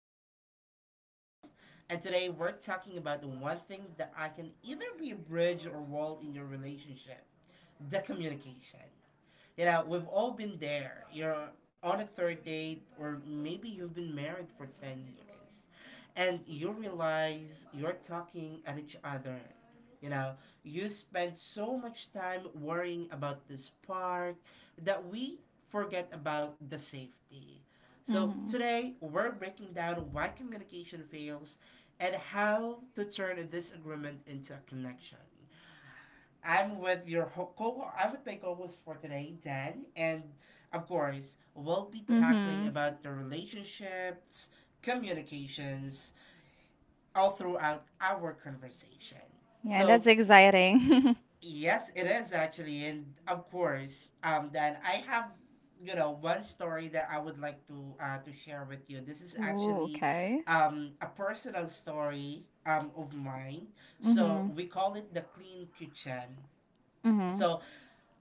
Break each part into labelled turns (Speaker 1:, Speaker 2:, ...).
Speaker 1: I'm your host, Mon, and today we're talking about the one thing that I can either be a bridge or wall in your relationship, the communication. You know, we've all been there. You're on a third date, or maybe you've been married for 10 years, and you realize you're talking at each other. You know, you spend so much time worrying about this part that we forget about the safety. So
Speaker 2: Mm-hmm.
Speaker 1: today we're breaking down why communication fails and how to turn a disagreement into a connection. I'm with your ho- co. I'm with my co-host for today, Dan, and of course, we'll be tackling
Speaker 2: Mm-hmm.
Speaker 1: about the relationships, communications, all throughout our conversation.
Speaker 2: Yeah, that's
Speaker 1: So
Speaker 2: exciting.
Speaker 1: yes, it is actually, and of course, Dan, I have one story that I would like to share with you. This is
Speaker 2: Ooh,
Speaker 1: actually
Speaker 2: okay.
Speaker 1: a personal story of mine. So
Speaker 2: Mm-hmm.
Speaker 1: we call it the clean kitchen.
Speaker 2: Mm-hmm.
Speaker 1: So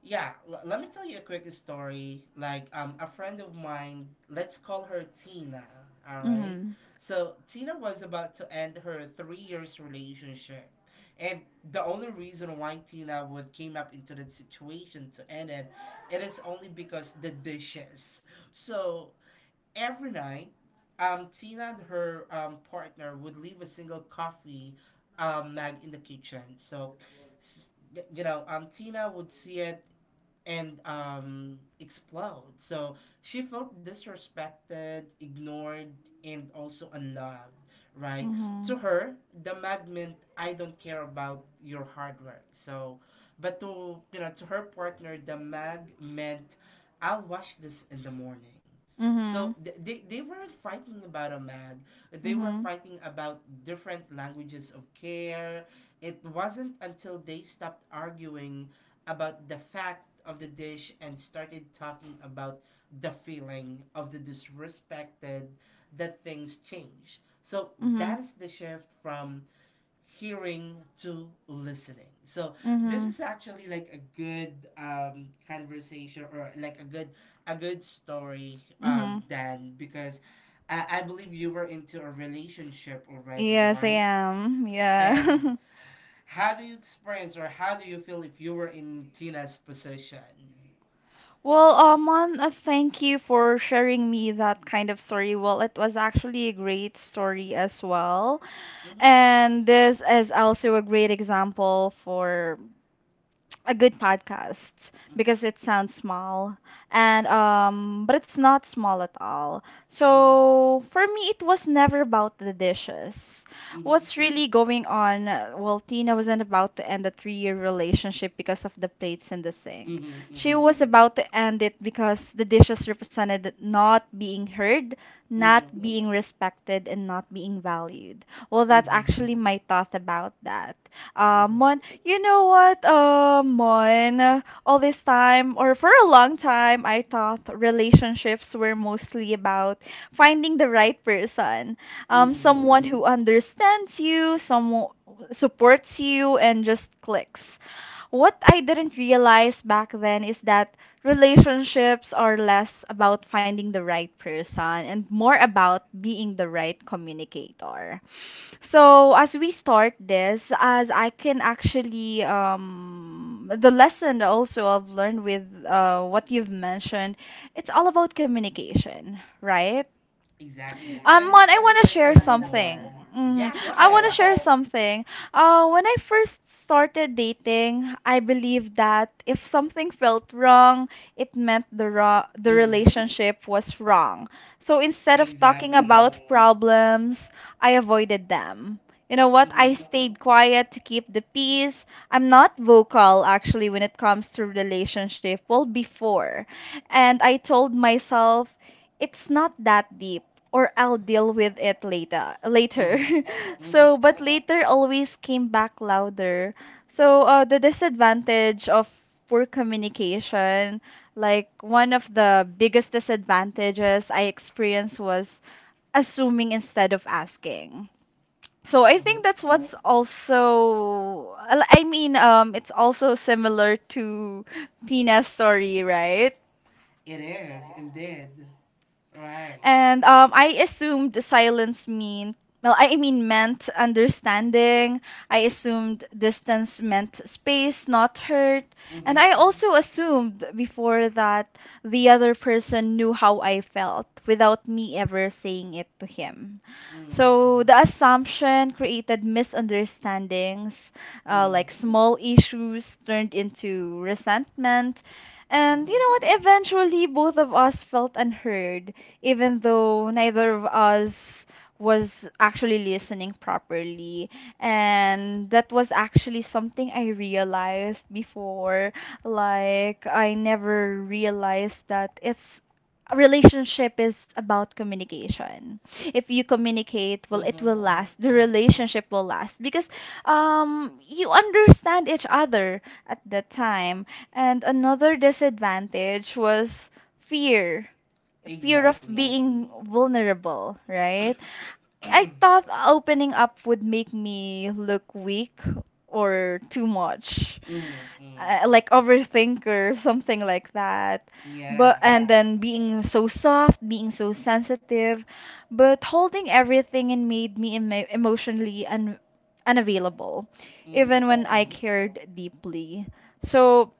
Speaker 1: yeah, let me tell you a quick story. A friend of mine, let's call her Tina, all right?
Speaker 2: Mm-hmm.
Speaker 1: So Tina was about to end her 3 years relationship. And the only reason why Tina would came up into that situation to end it, it is only because the dishes. So every night, Tina and her partner would leave a single coffee mug in the kitchen. So, s- Tina would see it and explode. So she felt disrespected, ignored, and also unloved, right?
Speaker 2: Mm-hmm.
Speaker 1: To her, the mag meant I don't care about your hard work. So, but to, you know, to her partner, the mag meant, I'll wash this in the morning.
Speaker 2: Mm-hmm.
Speaker 1: So they weren't fighting about a mag. They were
Speaker 2: Mm-hmm.
Speaker 1: fighting about different languages of care. It wasn't until they stopped arguing about the fact of the dish and started talking about the feeling of the disrespected that things change. So
Speaker 2: Mm-hmm.
Speaker 1: that is the shift from hearing to listening. So this
Speaker 2: Mm-hmm.
Speaker 1: is actually like a good conversation or like a good story
Speaker 2: Mm-hmm.
Speaker 1: Dan, because I believe you were into a relationship already,
Speaker 2: Yes, I
Speaker 1: right?
Speaker 2: am.
Speaker 1: And
Speaker 2: Yeah.
Speaker 1: how do you experience or how do you feel if you were in Tina's position?
Speaker 2: Well, Amon, thank you for sharing me that kind of story. Well, it was actually a great story as well.
Speaker 1: Mhm.
Speaker 2: And this is also a great example for a good podcast because it sounds small and but it's not small at all,
Speaker 1: Mhm.
Speaker 2: so for me it was never about the dishes.
Speaker 1: Mhm.
Speaker 2: What's really going on? Well, Tina wasn't about to end a 3-year relationship because of the plates in the sink.
Speaker 1: Mhm. Mhm.
Speaker 2: She was about to end it because the dishes represented not being heard, not
Speaker 1: Mhm.
Speaker 2: being respected, and not being valued. Well,
Speaker 1: Mhm.
Speaker 2: that's
Speaker 1: Mhm.
Speaker 2: actually my thought about that.
Speaker 1: Mhm.
Speaker 2: Mon, you know what, Mon? All this time, or for a long time, I thought relationships were mostly about finding the right person,
Speaker 1: Mhm.
Speaker 2: someone who understands you, someone supports you, and just clicks. What I didn't realize back then is that relationships are less about finding the right person and more about being the right communicator. So as we start this, as I can actually the lesson also I've learned with what you've mentioned, it's all about communication, right?
Speaker 1: Exactly. Couldn't
Speaker 2: Man, I want to
Speaker 1: couldn't
Speaker 2: share
Speaker 1: agree
Speaker 2: something.
Speaker 1: more.
Speaker 2: hmm
Speaker 1: Yeah, go
Speaker 2: I want to
Speaker 1: ahead.
Speaker 2: share something. When I first started dating, I believed that if something felt wrong, it meant the
Speaker 1: Mm-hmm.
Speaker 2: relationship was wrong. So instead of talking
Speaker 1: Exactly.
Speaker 2: about problems, I avoided them. You know what? I
Speaker 1: Mm-hmm.
Speaker 2: stayed quiet to keep the peace. I'm not vocal actually when it comes to relationship. Well, before, and I told myself it's not that deep, or I'll deal with it later.
Speaker 1: Mm-hmm. Mm-hmm.
Speaker 2: So but later always came back louder. So the disadvantage of poor communication, like one of the biggest disadvantages I experienced, was assuming instead of asking. So I
Speaker 1: Mm-hmm.
Speaker 2: think that's what's also, I mean, it's also similar to Tina's story, right?
Speaker 1: It is indeed. Right.
Speaker 2: And I assumed the silence mean, well, I mean, meant understanding. I assumed distance meant space, not hurt.
Speaker 1: Mm-hmm.
Speaker 2: And I also assumed before that the other person knew how I felt without me ever saying it to him.
Speaker 1: Mm-hmm.
Speaker 2: So the assumption created misunderstandings,
Speaker 1: Mm-hmm.
Speaker 2: like small issues turned into resentment. And
Speaker 1: Mm-hmm.
Speaker 2: you know what? Eventually, both of us felt unheard, even though neither of us was actually listening properly. And that was actually something I realized before. Like, I never realized that it's, a relationship is about communication. If you communicate, well, it
Speaker 1: Mm-hmm.
Speaker 2: will last. The relationship will last because you understand each other at that time. And another disadvantage was fear fear of
Speaker 1: Exactly.
Speaker 2: being vulnerable, right? I
Speaker 1: mm-hmm.
Speaker 2: thought opening up would make me look weak or too much, like overthinker, something like that. But
Speaker 1: Yeah.
Speaker 2: and then being so soft, being so sensitive, but holding everything and made me emotionally un unavailable,
Speaker 1: Mm-hmm.
Speaker 2: even when I
Speaker 1: Mm-hmm.
Speaker 2: cared deeply. So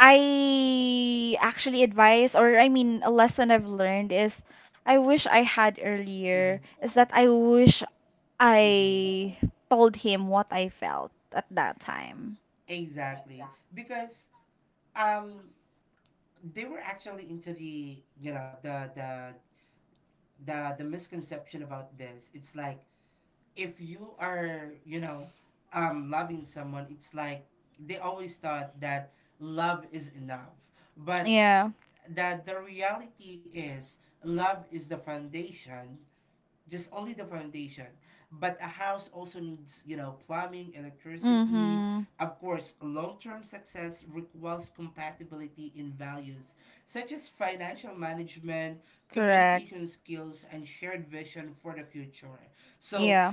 Speaker 2: I actually advise, or I mean, a lesson I've learned is I wish I had
Speaker 1: Mm-hmm.
Speaker 2: earlier, is that I wish
Speaker 1: Mm-hmm.
Speaker 2: I told him what I felt at that time.
Speaker 1: Exactly. Because um they were actually into the you know the misconception about this. It's like if you are, loving someone, it's like they always thought that love is enough, but
Speaker 2: Yeah.
Speaker 1: that the reality is love is the foundation, just only the foundation, but a house also needs, you know, plumbing, electricity.
Speaker 2: Mm-hmm.
Speaker 1: Of course long-term success requires compatibility in values, such as financial management,
Speaker 2: Correct.
Speaker 1: communication skills, and shared vision for the future. So
Speaker 2: Yeah.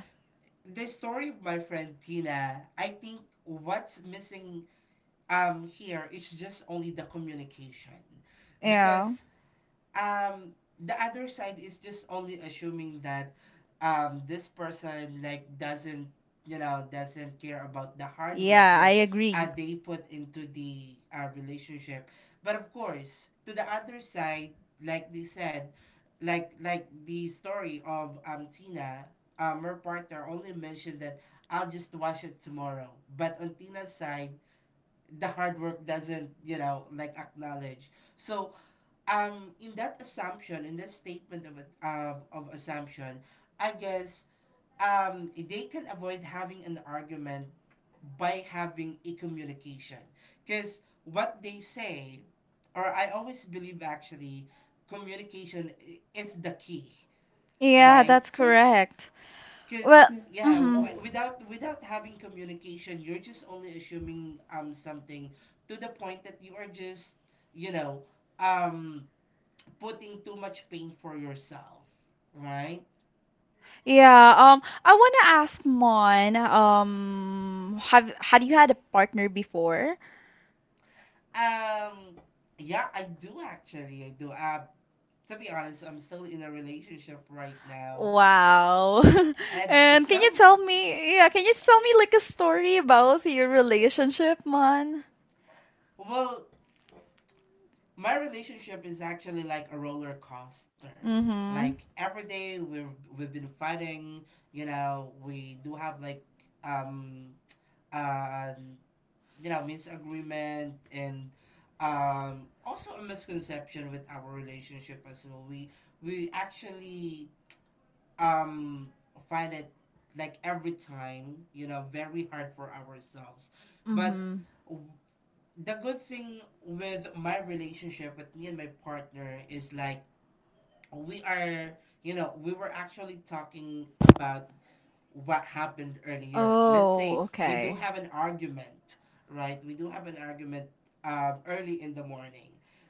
Speaker 1: the story of my friend Tina, I think what's missing here is just only the communication,
Speaker 2: Yeah.
Speaker 1: because um the other side is just only assuming that this person like doesn't, you know, doesn't care about the hard work
Speaker 2: Yeah, I
Speaker 1: that
Speaker 2: agree.
Speaker 1: they put into the relationship. But of course to the other side, like they said, like the story of Tina, her partner only mentioned that I'll just wash it tomorrow. But on Tina's side, the hard work doesn't, you know, like acknowledge. So in that assumption, in that statement of of assumption, I guess they can avoid having an argument by having a communication. Because what they say, or I always believe actually communication is the key,
Speaker 2: Yeah,
Speaker 1: right?
Speaker 2: that's correct.
Speaker 1: Because
Speaker 2: Well,
Speaker 1: yeah,
Speaker 2: mm-hmm.
Speaker 1: without having communication you're just only assuming something to the point that you are just, you know, um putting too much pain for yourself, right?
Speaker 2: Yeah, I wanna ask Mon, have had you had a partner before?
Speaker 1: Um, yeah, I do actually. I do. To be honest, I'm still in a relationship right now,
Speaker 2: Wow.
Speaker 1: and
Speaker 2: And can you
Speaker 1: some,
Speaker 2: tell me, yeah, can you tell me like a story about your relationship, man?
Speaker 1: well, my relationship is actually like a roller coaster.
Speaker 2: Mm-hmm.
Speaker 1: Like every day we've been fighting. You know, we do have like um, uh, you know, misagreement and also a misconception with our relationship as well. We actually um, find it like every time, you know, very hard for ourselves, but
Speaker 2: Mm-hmm.
Speaker 1: w- the good thing with my relationship with me and my partner is like we are, you know, we were actually talking about what happened earlier. Let's
Speaker 2: Oh,
Speaker 1: say we do
Speaker 2: okay.
Speaker 1: have an argument, right? We do have an argument early in the morning,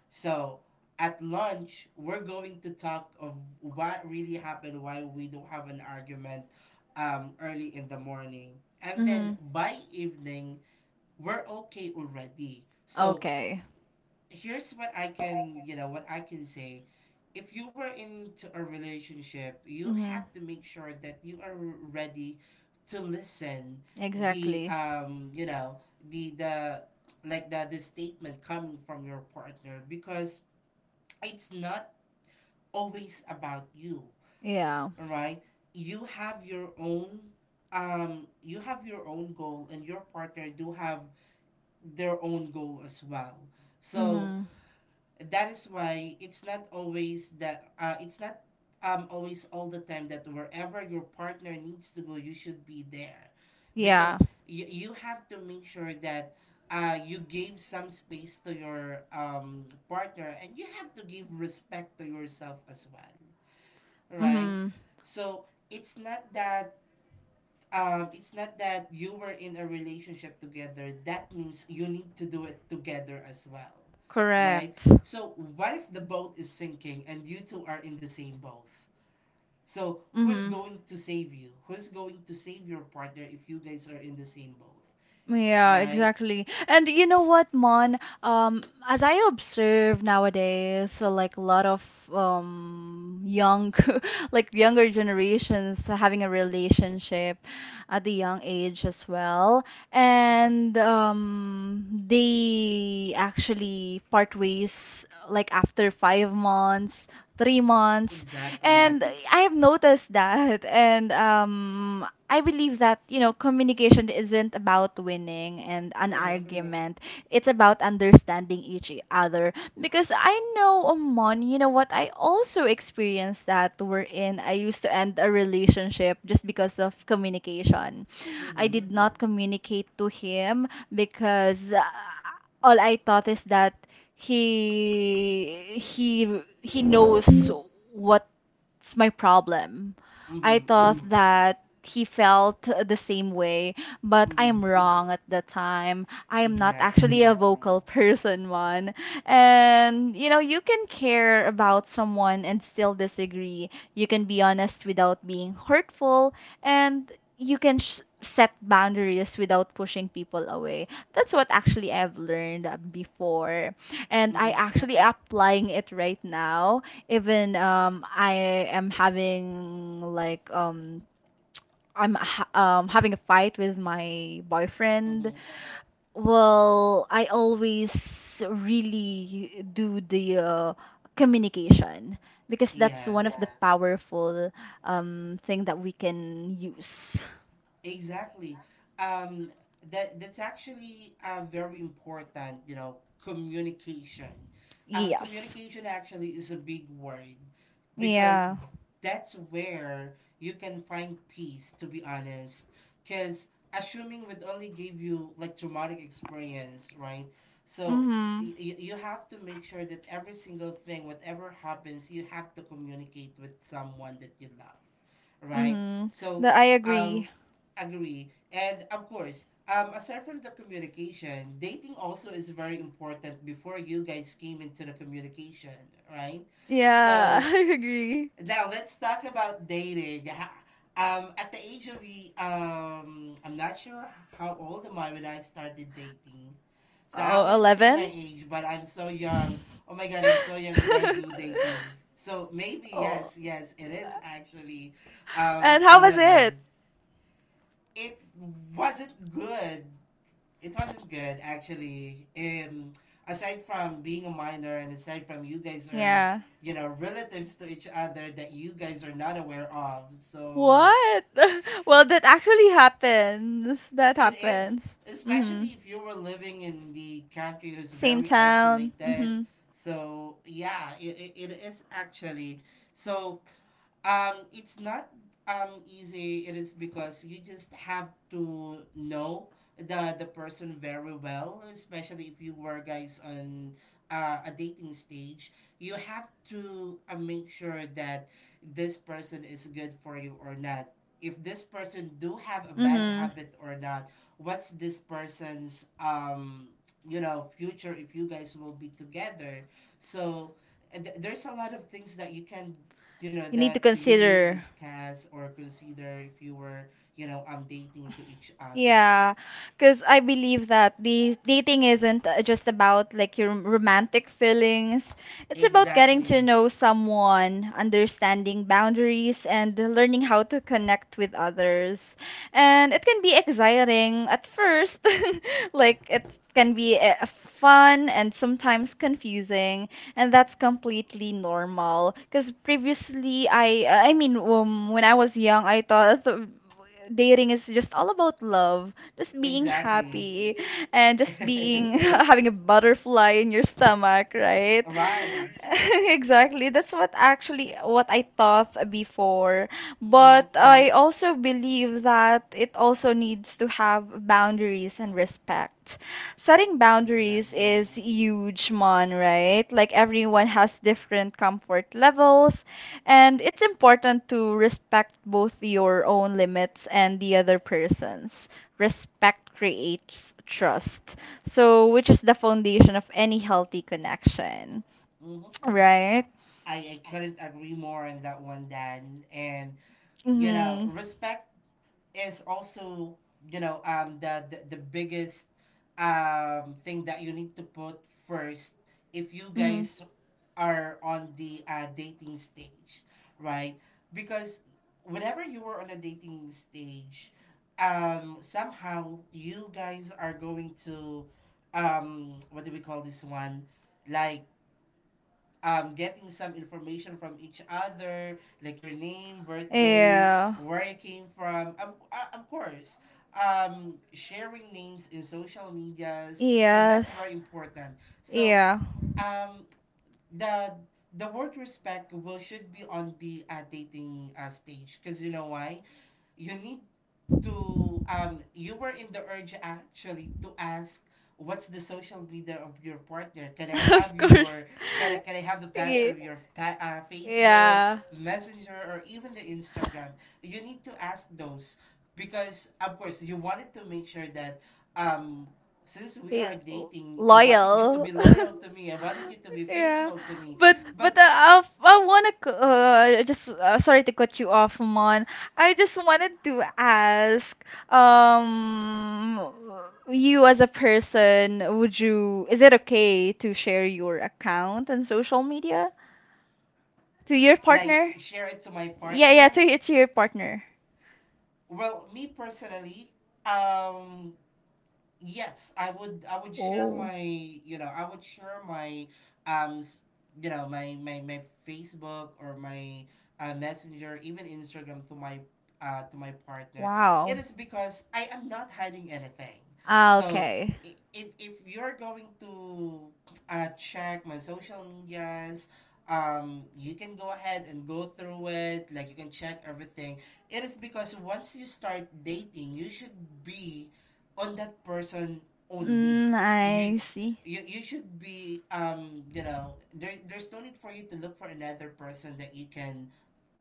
Speaker 1: so at lunch we're going to talk of what really happened, why we do have an argument early in the morning, and then
Speaker 2: Mm-hmm.
Speaker 1: by evening we're okay already. So
Speaker 2: Okay.
Speaker 1: here's what I can, you know, what I can say. If you were into a relationship, you
Speaker 2: Mm-hmm.
Speaker 1: have to make sure that you are ready to listen the
Speaker 2: Exactly.
Speaker 1: you know, the like the statement coming from your partner, because it's not always about you,
Speaker 2: Yeah.
Speaker 1: right? You have your own you have your own goal, and your partner do have their own goal as well. So
Speaker 2: Mm-hmm.
Speaker 1: that is why it's not always that it's not always all the time that wherever your partner needs to go you should be there, because
Speaker 2: Yeah.
Speaker 1: you have to make sure that you gave some space to your partner, and you have to give respect to yourself as well, right?
Speaker 2: Mm-hmm.
Speaker 1: So it's not that you were in a relationship together. That means you need to do it together as well, right?
Speaker 2: Correct.
Speaker 1: So what if the boat is sinking and you two are in the same boat? So who's
Speaker 2: Mm-hmm.
Speaker 1: going to save you? Who's going to save your partner if you guys are in the same boat,
Speaker 2: Yeah,
Speaker 1: right?
Speaker 2: exactly. And you know what, Mon? As I observe nowadays, so like a lot of young, like younger generations having a relationship at the young age as well,
Speaker 1: Mm-hmm.
Speaker 2: and they actually part ways like after 5 months, 3 months,
Speaker 1: Exactly.
Speaker 2: and I have noticed that. And I believe that, you know, communication isn't about winning and an
Speaker 1: Mm-hmm.
Speaker 2: argument. It's about understanding each other. Because I know, Oman, you know what? I also experienced that we're in. I used to end a relationship just because of communication. I
Speaker 1: Mm-hmm.
Speaker 2: did not communicate to him because all I thought is that he he he knows what, it's my problem. I
Speaker 1: Mm-hmm.
Speaker 2: thought that he felt the same way, but I
Speaker 1: Mm-hmm.
Speaker 2: am wrong at the time. I am not actually
Speaker 1: Exactly.
Speaker 2: a vocal person, man. And you know, you can care about someone and still disagree. You can be honest without being hurtful, and you can set boundaries without pushing people away. That's what actually I've learned before, and I
Speaker 1: Mm-hmm.
Speaker 2: actually applying it right now, even I am having like I'm ha having a fight with my boyfriend.
Speaker 1: Mm-hmm.
Speaker 2: Well, I always really do the communication because that's one of the
Speaker 1: Yes.
Speaker 2: powerful thing that we can use.
Speaker 1: Exactly. Um, that's actually very important. You know, communication.
Speaker 2: Yes.
Speaker 1: Communication actually is a big word, because
Speaker 2: Yeah.
Speaker 1: that's where you can find peace. To be honest, because assuming would only give you like traumatic experience, right? So.
Speaker 2: Mm-hmm.
Speaker 1: You have to make sure that every single thing, whatever happens, you have to communicate with someone that you love, right?
Speaker 2: Mm-hmm.
Speaker 1: So,
Speaker 2: That I agree.
Speaker 1: um, agree. And of course, aside from the communication, dating also is very important before you guys came into the communication, right?
Speaker 2: Yeah,
Speaker 1: So
Speaker 2: I agree.
Speaker 1: now let's talk about dating. At the age of I'm not sure how old am I when I started dating. So
Speaker 2: Oh,
Speaker 1: I wouldn't say my
Speaker 2: 011.
Speaker 1: age, but I'm so young. Oh my god, I'm so young when I do dating. So maybe
Speaker 2: Oh,
Speaker 1: yes, yes, it is actually
Speaker 2: and how was it?
Speaker 1: 11, it wasn't good. It wasn't good actually. Aside from being a minor, and aside from you guys are,
Speaker 2: Yeah.
Speaker 1: you know, relatives to each other that you guys are not aware of. So
Speaker 2: What? Well, that actually happens. That
Speaker 1: it is,
Speaker 2: happens. Mm-hmm.
Speaker 1: especially if you were living in the country who's
Speaker 2: Same
Speaker 1: very
Speaker 2: town.
Speaker 1: isolated.
Speaker 2: Mm-hmm.
Speaker 1: So yeah, it is actually so. It's not easy. It is because you just have to know the person very well, especially if you were guys on a dating stage. You have to make sure that this person is good for you or not. If this person do have a bad
Speaker 2: Mm-hmm.
Speaker 1: habit or not, what's this person's you know future if you guys will be together? So there's a lot of things that you can, you know,
Speaker 2: You need to
Speaker 1: that you may
Speaker 2: consider.
Speaker 1: discuss or consider if you were, you know, dating to each other.
Speaker 2: Yeah, because I believe that the dating isn't just about like your romantic feelings. It's about getting to
Speaker 1: Exactly.
Speaker 2: know someone, understanding boundaries, and learning how to connect with others. And it can be exciting at first, like it can be fun and sometimes confusing, and that's completely normal because previously I mean when I was young I thought dating is just all about love, just being
Speaker 1: Exactly.
Speaker 2: happy, and just being having a butterfly in your stomach, right?
Speaker 1: Right.
Speaker 2: Exactly, that's what actually what I thought before,
Speaker 1: Mm-hmm.
Speaker 2: but I also believe that it also needs to have boundaries and respect. Setting boundaries
Speaker 1: Exactly.
Speaker 2: is huge, Mon, right? Like everyone has different comfort levels, and it's important to respect both your own limits and the other person's. Respect creates trust, so which is the foundation of any healthy connection,
Speaker 1: Mm-hmm.
Speaker 2: right?
Speaker 1: I couldn't agree more on that one, Dan. And you know,
Speaker 2: Mm-hmm.
Speaker 1: respect is also, you know, the biggest thing that you need to put first if you
Speaker 2: Mm-hmm.
Speaker 1: guys are on the dating stage, right? Because whenever you were on a dating stage, somehow you guys are going to what do we call this one, like, getting some information from each other, like your name, birth date,
Speaker 2: Yeah.
Speaker 1: where you came from. Of course, sharing names in social medias, because that's very
Speaker 2: Yes.
Speaker 1: important. So,
Speaker 2: Yeah.
Speaker 1: um, the the word respect will should be on the dating stage, because you know why, you need to you were in the urge actually to ask what's the social media of your partner. Can I
Speaker 2: Of
Speaker 1: have
Speaker 2: course.
Speaker 1: your can I have the password
Speaker 2: Okay.
Speaker 1: of your Facebook
Speaker 2: Yeah.
Speaker 1: messenger or even the Instagram? You need to ask those because of course you wanted to make sure that um since we
Speaker 2: Eh,
Speaker 1: are
Speaker 2: l-
Speaker 1: dating, I wanted you to
Speaker 2: loyal.
Speaker 1: be loyal to me, I wanted you to be
Speaker 2: Yeah,
Speaker 1: faithful to me.
Speaker 2: but
Speaker 1: But
Speaker 2: I want to just sorry to cut you off, Mon. I just wanted to ask um you as a person, would you, is it okay to share your account on social media to your
Speaker 1: like
Speaker 2: partner?
Speaker 1: share it to my
Speaker 2: Yeah, yeah,
Speaker 1: partner?
Speaker 2: to to your partner.
Speaker 1: Well, me personally, um yes, I would, I would share my, you know, I would share my um s- you know, my my Facebook or my messenger, even Instagram to my partner. It
Speaker 2: Wow.
Speaker 1: is because I am not hiding anything.
Speaker 2: Ah,
Speaker 1: So
Speaker 2: okay.
Speaker 1: if you're going to check my social medias, you can go ahead and go through it, like you can check everything. It is because once you start dating, you should be on that person only.
Speaker 2: Mm, I
Speaker 1: You
Speaker 2: see.
Speaker 1: you should be you know, there's no need for you to look for another person that you can.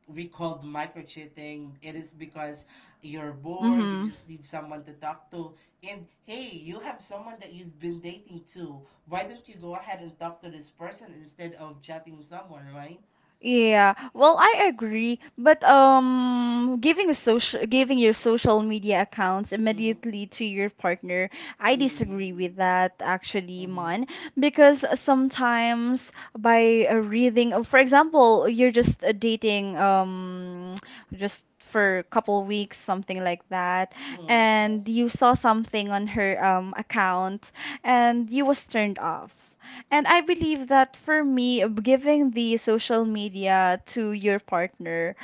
Speaker 1: We called micro cheating. It is because you're bored, you
Speaker 2: Mm-hmm.
Speaker 1: just need someone to talk to, and hey, you have someone that you've been dating too. Why don't you go ahead and talk to this person instead of chatting someone, right?
Speaker 2: Yeah, well, I agree, but giving a social, giving your social media accounts
Speaker 1: Mm-hmm.
Speaker 2: immediately to your partner, I
Speaker 1: Mm-hmm.
Speaker 2: disagree with that actually,
Speaker 1: Mm-hmm.
Speaker 2: Mon, because sometimes by reading, for example, you're just dating just for a couple weeks, something like that,
Speaker 1: Mm-hmm.
Speaker 2: and you saw something on her account, and you was turned off. And I believe that for me, giving the social media to your partner,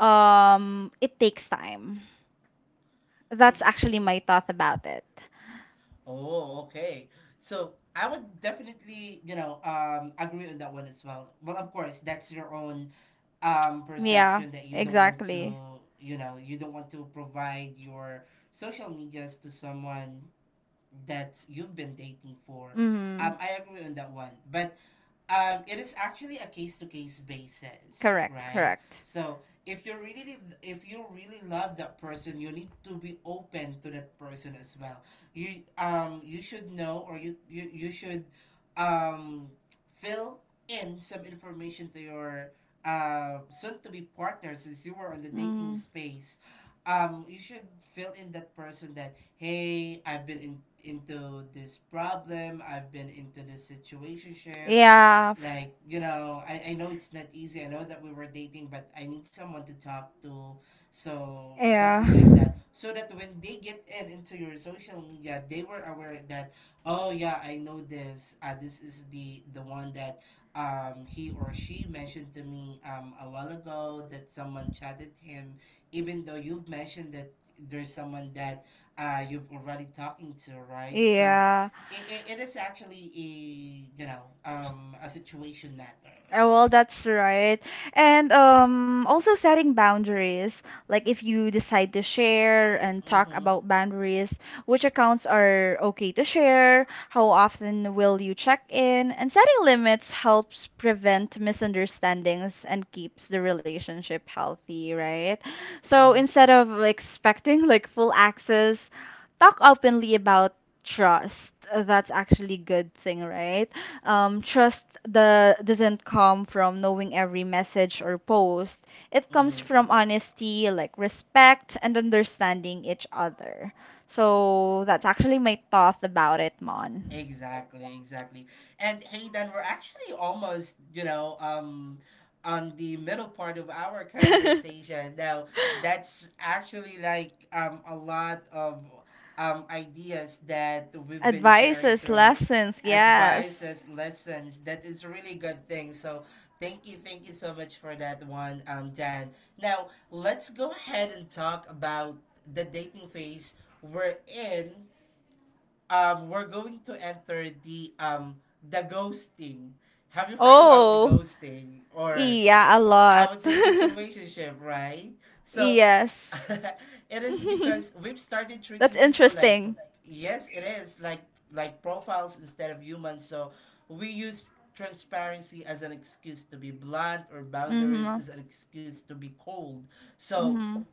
Speaker 2: it takes time. That's actually my thought about it.
Speaker 1: Oh, okay. So I would definitely, you know, agree on that one as well. But of course, that's your own
Speaker 2: Yeah,
Speaker 1: perception that you don't want to,
Speaker 2: exactly.
Speaker 1: you know, you don't want to provide your social medias to someone that you've been dating for.
Speaker 2: Mm-hmm.
Speaker 1: I agree on that one. But it is actually a case to case basis,
Speaker 2: Correct,
Speaker 1: right?
Speaker 2: correct.
Speaker 1: So if you really love that person, you need to be open to that person as well. You you should know, or you should um fill in some information to your soon to be partner since you were on the dating
Speaker 2: Mm.
Speaker 1: space. Um, you should fill in that person that hey, I've been in, into this problem, I've been into this situationship,
Speaker 2: Yeah.
Speaker 1: like, you know, I know it's not easy, I know that we were dating, but I need someone to talk to. So
Speaker 2: Yeah.
Speaker 1: something like that, so that when they get in into your social media, they were aware that oh yeah, I know this this is the one that um, he or she mentioned to me a while ago that someone chatted him, even though you've mentioned that there's someone that uh, you've already talking to, right? So
Speaker 2: Yeah.
Speaker 1: it is actually a, you know, um, a situation matter.
Speaker 2: Oh, well, that's right. And also setting boundaries. Like if you decide to share and talk
Speaker 1: Mm-hmm.
Speaker 2: about boundaries, which accounts are okay to share, how often will you check in, and setting limits helps prevent misunderstandings and keeps the relationship healthy, right? So
Speaker 1: Mm-hmm.
Speaker 2: instead of expecting like full access, talk openly about trust. That's actually good thing, right? Trust the doesn't come from knowing every message or post. It
Speaker 1: Mm-hmm.
Speaker 2: comes from honesty, like respect and understanding each other. So that's actually my thought about it, Mon.
Speaker 1: Exactly, exactly. And hey, then we're actually almost, you know, on the middle part of our conversation. Now, that's actually like a lot of ideas that we've been sharing
Speaker 2: Advices,
Speaker 1: through,
Speaker 2: lessons, yes.
Speaker 1: advices, lessons. That is a really good thing. So, thank you so much for that one, Dan. Now, let's go ahead and talk about the dating phase we're in. Um, we're going to enter the ghosting. Have you heard about the
Speaker 2: Oh,
Speaker 1: ghosting, or
Speaker 2: yeah, a
Speaker 1: I
Speaker 2: lot.
Speaker 1: would say situationship, right? So
Speaker 2: Yes.
Speaker 1: it is because we've started
Speaker 2: That's
Speaker 1: treating people like,
Speaker 2: interesting.
Speaker 1: yes, it is like profiles instead of humans. So we use transparency as an excuse to be blunt or boundaries
Speaker 2: Mhm.
Speaker 1: as an excuse to be cold. So
Speaker 2: Mhm.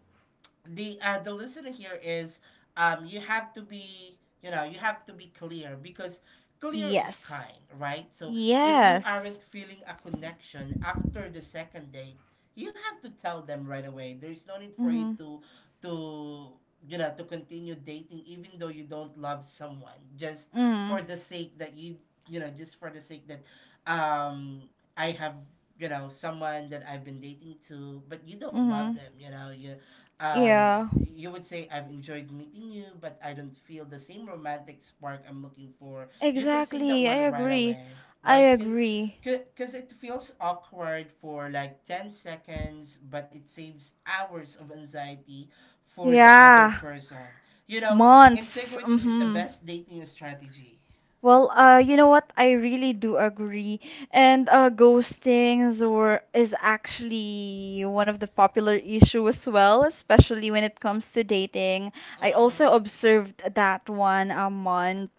Speaker 1: the listener here is, you have to be, you know, you have to be clear, because clear is
Speaker 2: Yes.
Speaker 1: kind, right? So if you
Speaker 2: Yes.
Speaker 1: aren't feeling a connection after the second date, you have to tell them right away. There's no need for you
Speaker 2: Mhm.
Speaker 1: to to you know, to continue dating even though you don't love someone, just for
Speaker 2: Mm.
Speaker 1: the sake that you know, just for the sake that um I have, you know, someone that I've been dating to, but you don't love
Speaker 2: Mhm.
Speaker 1: them, you know, you. And
Speaker 2: Yeah,
Speaker 1: you would say, I've enjoyed meeting you but I don't feel the same romantic spark I'm looking for. You can say that
Speaker 2: exactly. I
Speaker 1: one right
Speaker 2: agree.
Speaker 1: away,
Speaker 2: I
Speaker 1: right?
Speaker 2: agree.
Speaker 1: Because it feels awkward for like 10 seconds, but it saves hours of anxiety for the other
Speaker 2: Yeah,
Speaker 1: person, you know.
Speaker 2: months.
Speaker 1: Integrity is the
Speaker 2: Mm-hmm.
Speaker 1: best dating strategy.
Speaker 2: Well, you know what? I really do agree. And ghosting is, or, is actually one of the popular issue as well, especially when it comes to dating. I
Speaker 1: Mm-hmm.
Speaker 2: also observed that one a month.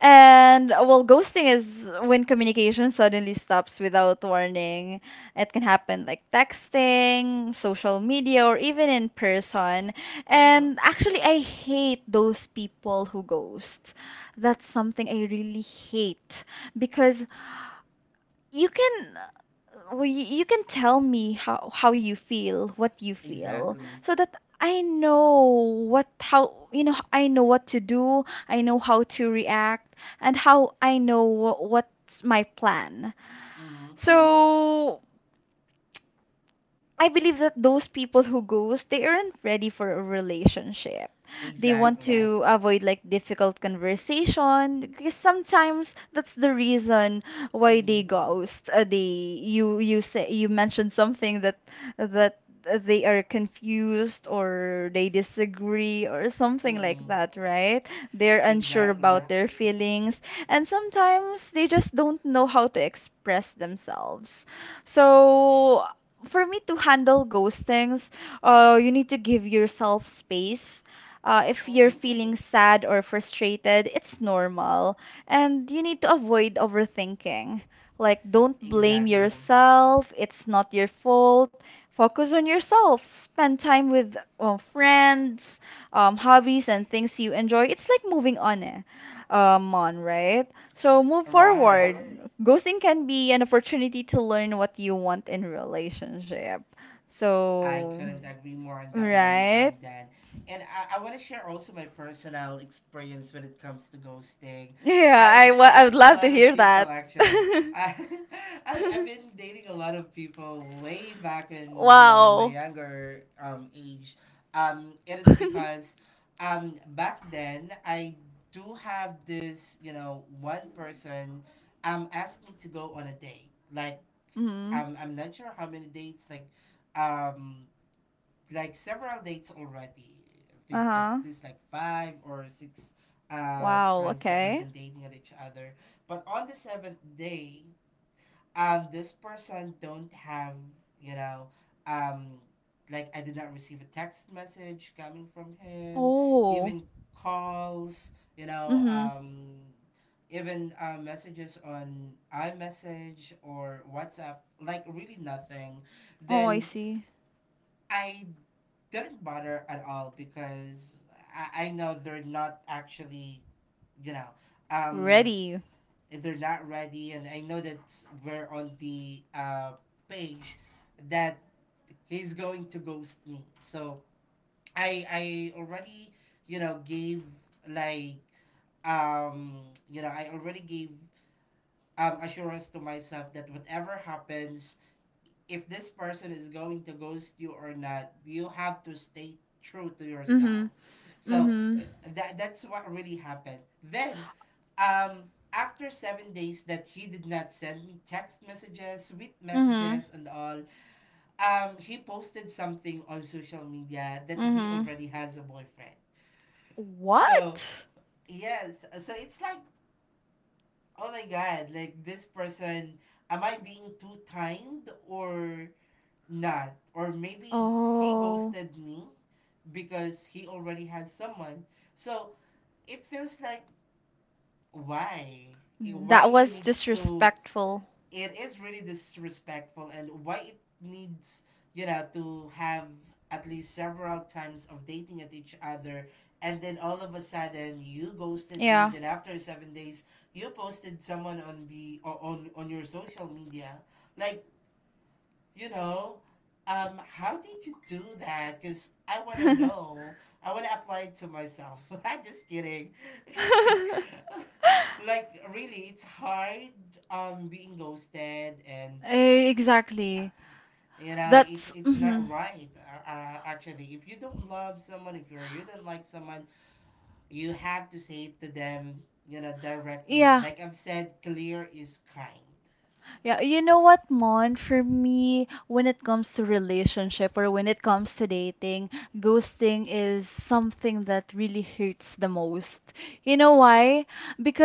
Speaker 2: And well, ghosting is when communication suddenly stops without warning. It can happen like texting, social media, or even in person.
Speaker 1: Mm-hmm.
Speaker 2: And actually, I hate those people who ghost. That's something I really hate because you can well, you can tell me how you feel, what you feel,
Speaker 1: Exactly.
Speaker 2: so that I know what, how I know what to do, I know how to react, and how I know what, what's my plan. Mm.
Speaker 1: Mm-hmm.
Speaker 2: So I believe that those people who ghost, they aren't ready for a relationship. They want
Speaker 1: Exactly.
Speaker 2: to, exactly, avoid like difficult conversation because sometimes that's the reason why they
Speaker 1: Mm-hmm.
Speaker 2: ghost. They you say you mentioned something that they are confused or they disagree or something
Speaker 1: Mm-hmm.
Speaker 2: like that, right? They're unsure about
Speaker 1: Exactly.
Speaker 2: their, exactly, feelings, and sometimes they just don't know how to express themselves. So for me to handle ghostings, you need to give yourself space. If you're
Speaker 1: Mm-hmm.
Speaker 2: feeling sad or frustrated, it's normal. And you need to avoid overthinking. Like, don't blame
Speaker 1: Exactly.
Speaker 2: yourself. It's not your fault. Focus on yourself. Spend time with friends, hobbies, and things you enjoy. It's like moving on, eh? On, right? So move
Speaker 1: Right.
Speaker 2: forward. Ghosting can be an opportunity to learn what you want in relationship.
Speaker 1: I
Speaker 2: So,
Speaker 1: couldn't agree more on that one,
Speaker 2: right?
Speaker 1: Dan. And I want to share also my personal experience when it comes to ghosting.
Speaker 2: Yeah,
Speaker 1: I've been
Speaker 2: I would
Speaker 1: dating a
Speaker 2: love to
Speaker 1: lot of
Speaker 2: hear
Speaker 1: people,
Speaker 2: that.
Speaker 1: actually. I, I have been dating a lot of people way back in, you know, in my
Speaker 2: Wow.
Speaker 1: younger age. It is because back then, I do have this, you know, one person asked me to go on a date. Like,
Speaker 2: Mhm.
Speaker 1: I'm not sure how many dates, like um, like several dates already. At
Speaker 2: Uh-huh.
Speaker 1: least like five or six uh,
Speaker 2: Wow,
Speaker 1: times that we've
Speaker 2: okay.
Speaker 1: been dating at each other. But on the seventh day, um, this person don't have, you know, um, like I did not receive a text message coming from him,
Speaker 2: Oh.
Speaker 1: even calls, you know,
Speaker 2: Mhm.
Speaker 1: um, even messages on iMessage or WhatsApp, like really nothing.
Speaker 2: Oh, I
Speaker 1: Then
Speaker 2: see.
Speaker 1: I didn't bother at all, because I know they're not actually, you know, um,
Speaker 2: Ready.
Speaker 1: they're not ready, and I know that we're on the page that he's going to ghost me. So I already, you know, gave, like, um, you know, I already gave um, assurance to myself that whatever happens, if this person is going to ghost you or not, you have to stay true to
Speaker 2: Mhm.
Speaker 1: yourself. So uh,
Speaker 2: Mhm.
Speaker 1: that that's what really happened. Then, after 7 days that he did not send me text messages, sweet
Speaker 2: Mhm.
Speaker 1: messages, and all, he posted something on social media that he
Speaker 2: Mhm.
Speaker 1: already has a boyfriend. So
Speaker 2: What?
Speaker 1: yes, so it's like, oh my god, like this person, am I being too kind or not, or maybe he
Speaker 2: Oh,
Speaker 1: ghosted me because he already had someone. So it feels like, why? Eh, why
Speaker 2: that
Speaker 1: you
Speaker 2: was
Speaker 1: need to,
Speaker 2: disrespectful.
Speaker 1: it is really disrespectful, and why it needs, you know, to have at least several times of dating at each other, and then all of a sudden you ghosted me,
Speaker 2: Yeah.
Speaker 1: then after 7 days you posted someone on the on your social media, like, you know, how did you do that? Because I want to know. I want to apply it to myself. I'm just kidding. Like, really, it's hard being ghosted, and uh,
Speaker 2: Exactly.
Speaker 1: you know, it's
Speaker 2: That's
Speaker 1: not
Speaker 2: mhm.
Speaker 1: right actually. If you don't love someone, if you don't like someone, you have to say it to them, you know, directly.
Speaker 2: Yeah.
Speaker 1: Like I've said, clear is kind.
Speaker 2: Yeah, you know what, Mon, for me, when it comes to relationship or when it comes to dating, ghosting is something that really hurts the most. You know why?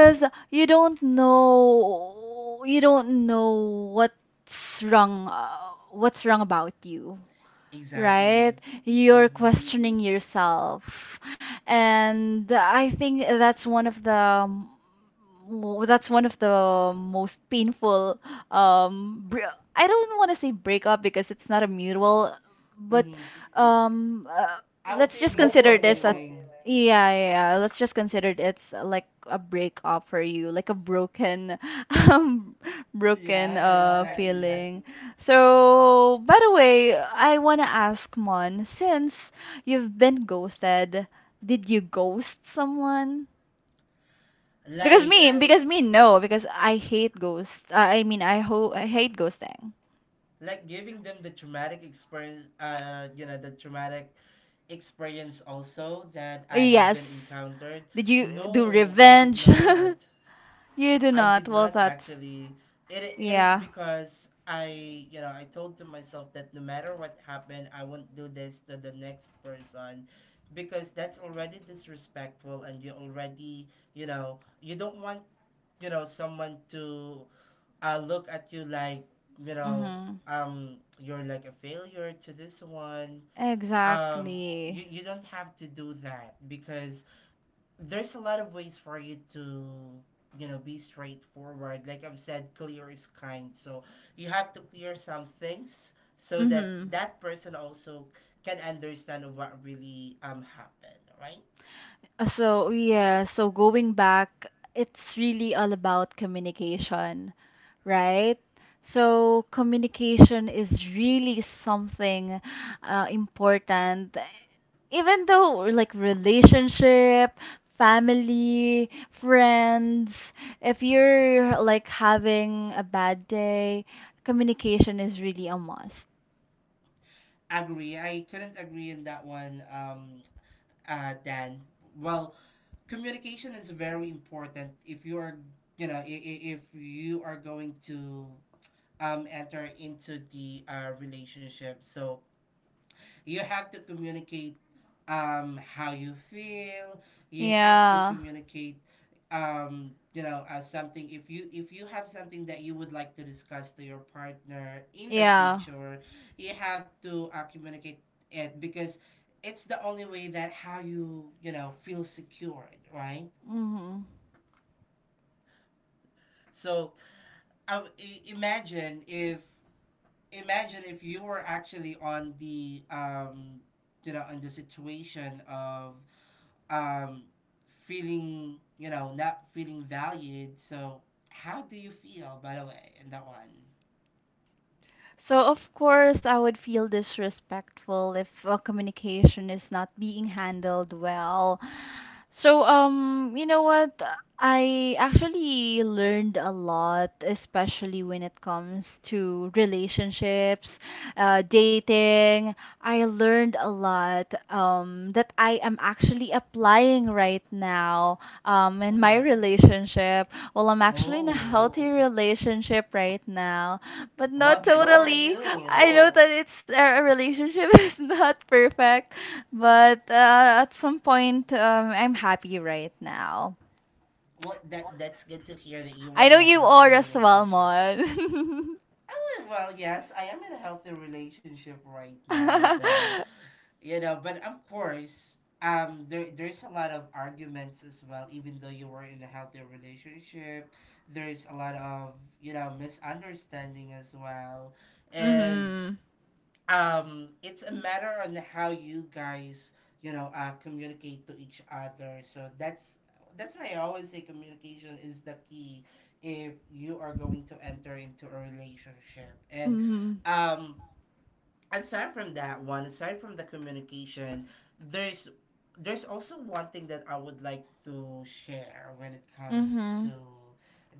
Speaker 1: Mm-hmm.
Speaker 2: you don't know what's wrong about you.
Speaker 1: Exactly.
Speaker 2: Right? You're
Speaker 1: Mm-hmm.
Speaker 2: questioning yourself. And I think that's one of the that's one of the most painful I don't want to say breakup because it's not a mutual, but
Speaker 1: Mm-hmm.
Speaker 2: um uh,
Speaker 1: I would
Speaker 2: let's
Speaker 1: say a
Speaker 2: just
Speaker 1: mutual
Speaker 2: consider this a
Speaker 1: feeling.
Speaker 2: yeah, yeah, yeah. Let's just consider it's like a breakup for you, like a broken, um, broken
Speaker 1: Yeah, exactly.
Speaker 2: feeling. So, by the way, I want to ask Mon, since you've been ghosted, did you ghost someone?
Speaker 1: Like
Speaker 2: Because me, no, because I hate ghosts. I mean, I hate ghosting.
Speaker 1: like giving them the traumatic experience uh, you know, the traumatic experience also that I have
Speaker 2: Yes.
Speaker 1: been encountered.
Speaker 2: Did you do
Speaker 1: No, I did
Speaker 2: revenge?
Speaker 1: not.
Speaker 2: You do
Speaker 1: I
Speaker 2: not.
Speaker 1: did
Speaker 2: Well,
Speaker 1: not
Speaker 2: that's
Speaker 1: actually. It is
Speaker 2: yeah.
Speaker 1: because I, you know, I told to myself that no matter what happened, I won't do this to the next person, because that's already disrespectful, and you already, you know, you don't want, you know, someone to look at you like, you know,
Speaker 2: Mm-hmm.
Speaker 1: um, you're like a failure to this one, um,
Speaker 2: Exactly.
Speaker 1: you don't have to do that, because there's a lot of ways for you to, you know, be straightforward. Like I've said, clear is kind. So you have to clear some things so that
Speaker 2: Mm-hmm.
Speaker 1: that person also can understand of what really happened, right?
Speaker 2: So, yeah, so going back, it's really all about communication, right? So, communication is really something important, even though like relationship, family, friends, if you're like having a bad day, communication is really a must.
Speaker 1: Agree. I couldn't agree in that one, um, Dan. Well, communication is very important if you are, you know, if you are going to enter into the relationship. So you have to communicate how you feel. You have to
Speaker 2: Yeah,
Speaker 1: communicate you know, as something, if you have something that you would like to discuss to your partner in the
Speaker 2: yeah.
Speaker 1: future, you have to communicate it, because it's the only way that how you, you know, feel secured, right?
Speaker 2: Mm-hmm.
Speaker 1: So imagine if, imagine if you were actually on the um, you know, on the situation of um, feeling, you know, not feeling valued. So how do you feel, by the way, in that one?
Speaker 2: So, of course, I would feel disrespectful if communication is not being handled well. So, you know what? I actually learned a lot, especially when it comes to relationships, dating. I learned a lot that I am actually applying right now in my
Speaker 1: Mm.
Speaker 2: relationship. Well, I'm actually in a
Speaker 1: Oh,
Speaker 2: healthy Oh. relationship right now but not
Speaker 1: well, good for
Speaker 2: totally.
Speaker 1: you.
Speaker 2: I know that it's our relationship is not perfect, but at some point, I'm happy right now.
Speaker 1: Well, that that's good to hear that you were
Speaker 2: I know
Speaker 1: in a
Speaker 2: you
Speaker 1: healthy
Speaker 2: are as well,
Speaker 1: relationship.
Speaker 2: Mon.
Speaker 1: Oh, well, yes, I am in a healthy relationship right now, though.
Speaker 2: Mhm.
Speaker 1: You know, but of course um, there, there's a lot of arguments as well, even though you were in a healthy relationship. There's a lot of, you know, misunderstanding as well, and
Speaker 2: Mhm.
Speaker 1: um, it's a matter on how you guys, you know, uh, communicate to each other. So that's why I always say, communication is the key if you are going to enter into a relationship. And
Speaker 2: Mhm.
Speaker 1: um, aside from that one, aside from the communication, there's also one thing that I would like to share when it comes to
Speaker 2: Mhm.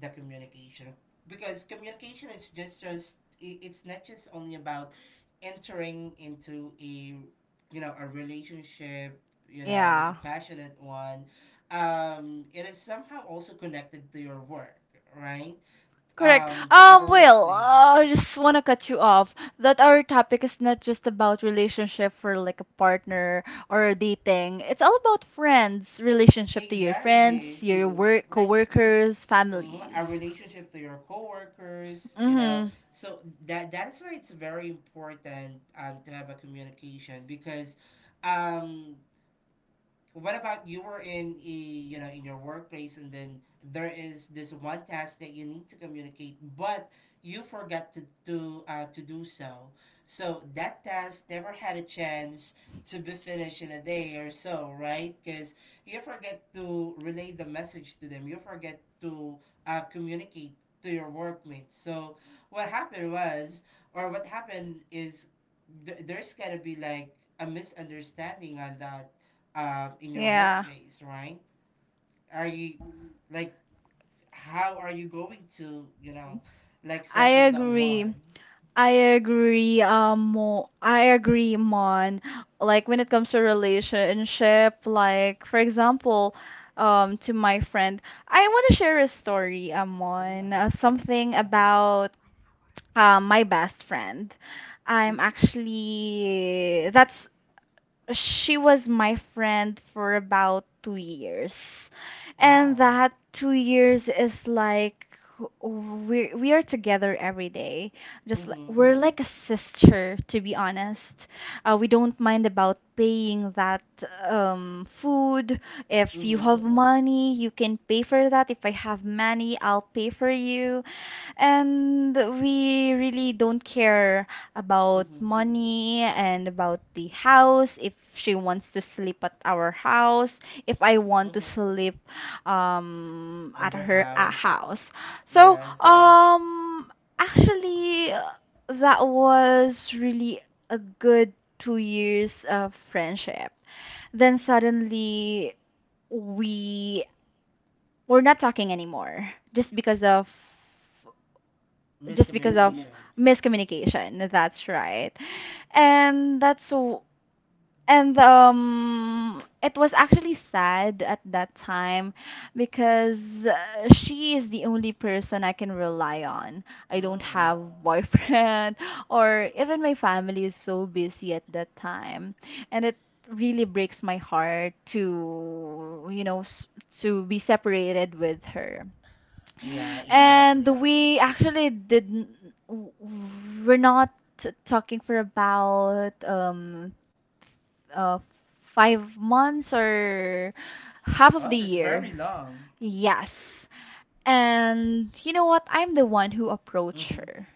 Speaker 1: the communication, because communication is just it's not just only about entering into a, you know, a relationship, you know, like a
Speaker 2: Yeah.
Speaker 1: passionate one. Um, it is somehow also connected to your work, right?
Speaker 2: Correct.
Speaker 1: Um, to our workplace,
Speaker 2: I just want to cut you off that our topic is not just about relationship for like a partner or dating. It's all about friends, relationship to your friends,
Speaker 1: exactly.
Speaker 2: your work,
Speaker 1: Like
Speaker 2: coworkers,
Speaker 1: mhm, our
Speaker 2: families.
Speaker 1: relationship to your coworkers, you know.
Speaker 2: Mm-hmm.
Speaker 1: So that is why it's very important to have a communication because um what about you were in a you know in your workplace, and then there is this one task that you need to communicate but you forgot to do so, so that task never had a chance to be finished in a day or so, right? Because you forget to relay the message to them, you forget to communicate to your workmates. So what happened was, or what happened is, there's gotta be like a misunderstanding on that in your
Speaker 2: Yeah,
Speaker 1: workplace, right? Are you like, how are you going to, you know, like
Speaker 2: I
Speaker 1: settle that
Speaker 2: agree.
Speaker 1: one?
Speaker 2: I agree, Mon. Like when it comes to relationship, like for example, to my friend, I want to share a story,
Speaker 1: Hindi pa
Speaker 2: Mon,
Speaker 1: to.
Speaker 2: something
Speaker 1: Matapos.
Speaker 2: about my best friend. I'm
Speaker 1: Mm-hmm.
Speaker 2: actually that's she was my friend for about 2 years. And
Speaker 1: Wow.
Speaker 2: that 2 years is like we are together every day. Just like,
Speaker 1: Mm-hmm.
Speaker 2: we're like a sister, to be honest. We don't mind about paying that food. If you
Speaker 1: Mm-hmm.
Speaker 2: have money, you can pay for that. If I have money, I'll pay for you. And we really don't care about
Speaker 1: Mm-hmm.
Speaker 2: money and about the house. If she wants to sleep at our house, if I want to
Speaker 1: Mm-hmm.
Speaker 2: sleep
Speaker 1: On
Speaker 2: at
Speaker 1: their
Speaker 2: her
Speaker 1: house.
Speaker 2: house. So,
Speaker 1: Yeah.
Speaker 2: Wow. Actually, that was really a good 2 years of friendship. Then suddenly, we were not talking anymore just because of
Speaker 1: Miscommunication.
Speaker 2: miscommunication. That's right. And that's so and it was actually sad at that time because she is the only person I can rely on. I don't
Speaker 1: Mm.
Speaker 2: have boyfriend or even my family is so busy at that time. And it really breaks my heart to to be separated with her
Speaker 1: Yeah, exactly.
Speaker 2: and we actually didn't, w- we're not talking for about uh 5 months or half of the
Speaker 1: Oh, that's
Speaker 2: year.
Speaker 1: very long.
Speaker 2: Yes. And you know what? I'm the one who approached
Speaker 1: Mm-hmm.
Speaker 2: her.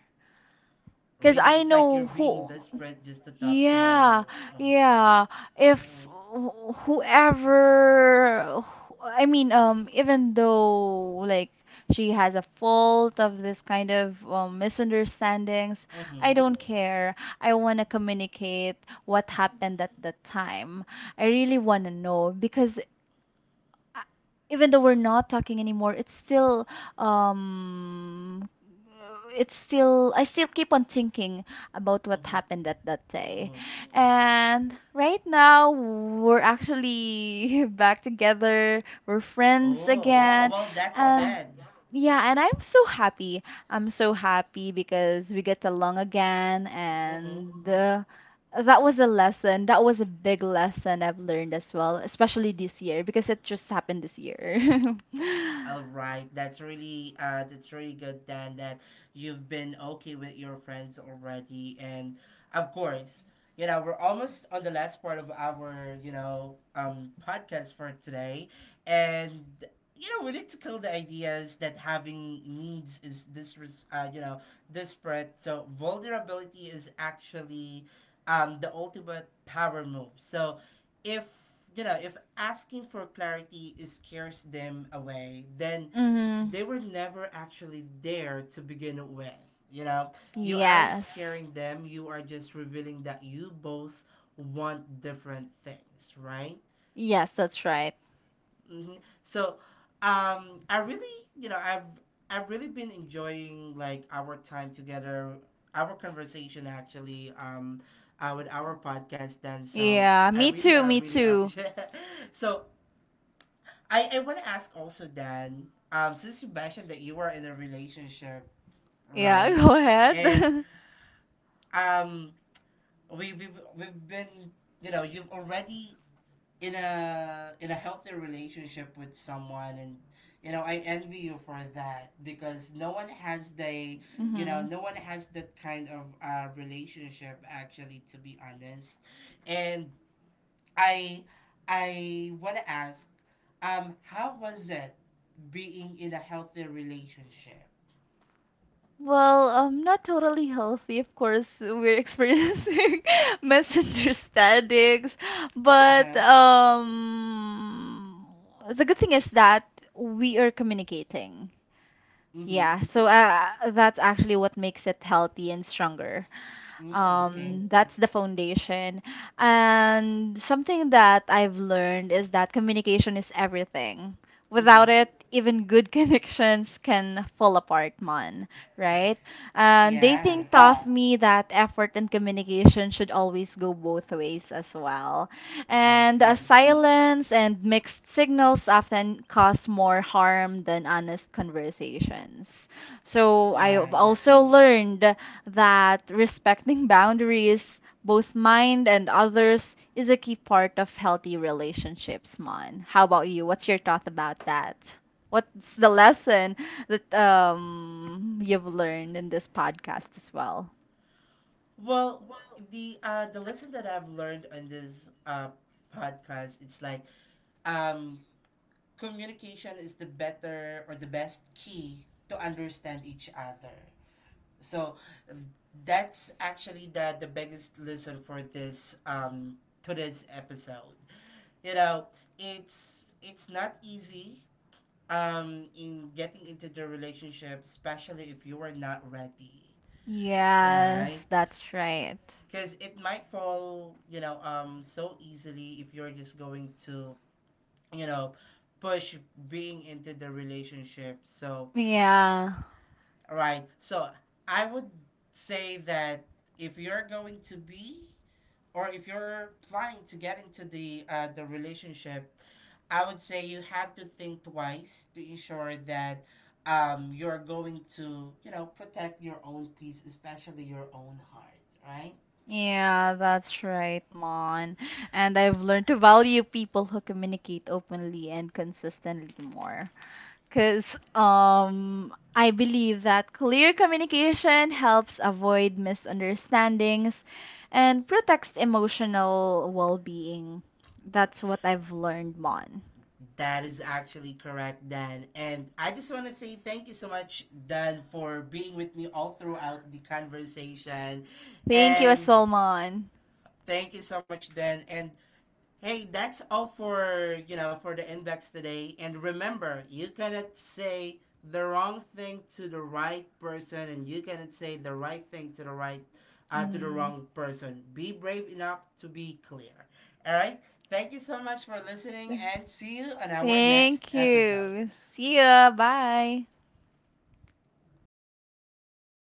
Speaker 2: Because
Speaker 1: Really,
Speaker 2: I
Speaker 1: it's like
Speaker 2: know
Speaker 1: you're being
Speaker 2: who.
Speaker 1: desperate just to talk
Speaker 2: Yeah,
Speaker 1: to. Uh,
Speaker 2: yeah. If
Speaker 1: mm-hmm.
Speaker 2: wh- whoever, I mean, even though like she has a fault of this kind of misunderstandings,
Speaker 1: Mm-hmm.
Speaker 2: I don't care. I want to communicate what happened at the time. I really want to know because uh, even though we're not talking anymore, um it's still I still keep on thinking about what
Speaker 1: Mm-hmm.
Speaker 2: happened at that day.
Speaker 1: Hmm.
Speaker 2: And right now, we're actually back together. We're friends
Speaker 1: Oh,
Speaker 2: again.
Speaker 1: well, that's
Speaker 2: And
Speaker 1: good.
Speaker 2: yeah, and I'm so happy. I'm so happy because we get along again.
Speaker 1: Mm-hmm.
Speaker 2: And that was a lesson. That was a big lesson I've learned as well, especially this year because it just happened this year.
Speaker 1: All right, that's really good then that you've been okay with your friends already, and of course, you know, we're almost on the last part of our, you know, podcast for today, and you know we need to kill the ideas that having needs is this you know, desperate. So vulnerability is actually the ultimate power move. So if, you know, if asking for clarity is scares them away, then
Speaker 2: Hmm.
Speaker 1: they were never actually there to begin with, you know. You aren't
Speaker 2: Yes.
Speaker 1: scaring them, you are just revealing that you both want different things, right?
Speaker 2: Yes, that's right.
Speaker 1: Hmm. So I really, you know, I've really been enjoying like our time together, our conversation actually, with our podcast then. So
Speaker 2: Yeah,
Speaker 1: i
Speaker 2: me
Speaker 1: really
Speaker 2: too,
Speaker 1: i
Speaker 2: me
Speaker 1: really
Speaker 2: too.
Speaker 1: appreciate. So I want to ask also, Dan, since you mentioned that you were in a relationship,
Speaker 2: Yeah,
Speaker 1: right?
Speaker 2: go ahead.
Speaker 1: And um, we've been, you know, you've already in a healthy relationship with someone, and you know I envy you for that because no one has the, you know,
Speaker 2: Mm-hmm.
Speaker 1: no one has that kind of relationship, actually, to be honest. And I I want to ask, how was it being in a healthy relationship?
Speaker 2: Well, not totally healthy, of course. We're experiencing misunderstandings,
Speaker 1: Uh
Speaker 2: but
Speaker 1: huh.
Speaker 2: the good thing is that we are communicating.
Speaker 1: Mm hmm.
Speaker 2: Yeah, so that's actually what makes it healthy and stronger.
Speaker 1: Mm,
Speaker 2: Um,
Speaker 1: okay.
Speaker 2: Right. That's the foundation. And something that I've learned is that communication is everything.
Speaker 1: Mm
Speaker 2: Without
Speaker 1: hmm.
Speaker 2: it, even good connections can fall apart, man, right? And
Speaker 1: Yeah,
Speaker 2: dating Yeah. taught me that effort and communication should always go both ways as well.
Speaker 1: I
Speaker 2: And
Speaker 1: see.
Speaker 2: silence and mixed signals often cause more harm than honest conversations. So I've
Speaker 1: Right.
Speaker 2: also Right. learned that respecting boundaries, both mind and others, is a key part of healthy relationships, Mon. How about you? What's your thought about that? What's the lesson that you've learned in this podcast as well?
Speaker 1: Well, the lesson that I've learned on this podcast, it's like um communication is the better or the best key to understand each other. So that's actually the biggest lesson for this to this episode. You know, it's not easy in getting into the relationship, especially if you are not ready, right?
Speaker 2: Yes, that's right.
Speaker 1: Because it might fall, you know, so easily if you're just going to, you know, push being into the relationship. So
Speaker 2: Yeah.
Speaker 1: right. So I would say that if you're going to be, or if you're planning to get into the relationship, I would say you have to think twice to ensure that you're going to, you know, protect your own peace, especially your own heart. Right.
Speaker 2: Yeah, that's right, Mon. And I've learned to value people who communicate openly and consistently more. Because I believe that clear communication helps avoid misunderstandings and protects emotional well being. That's what I've learned, Mon.
Speaker 1: That is actually correct, Dan. And I just want to say thank you so much, Dan, for being with me all throughout the conversation.
Speaker 2: Thank you,
Speaker 1: And
Speaker 2: Asolmon.
Speaker 1: thank you so much, Dan. And hey, that's all for, you know, for the inbox today. And remember, you cannot say the wrong thing to the right person, and you cannot say the right thing to the right to the
Speaker 2: Mm.
Speaker 1: wrong person. Be brave enough to be clear. All right. Thank you so much for listening, and see you on our next
Speaker 2: Thank you.
Speaker 1: episode.
Speaker 2: See ya. Bye.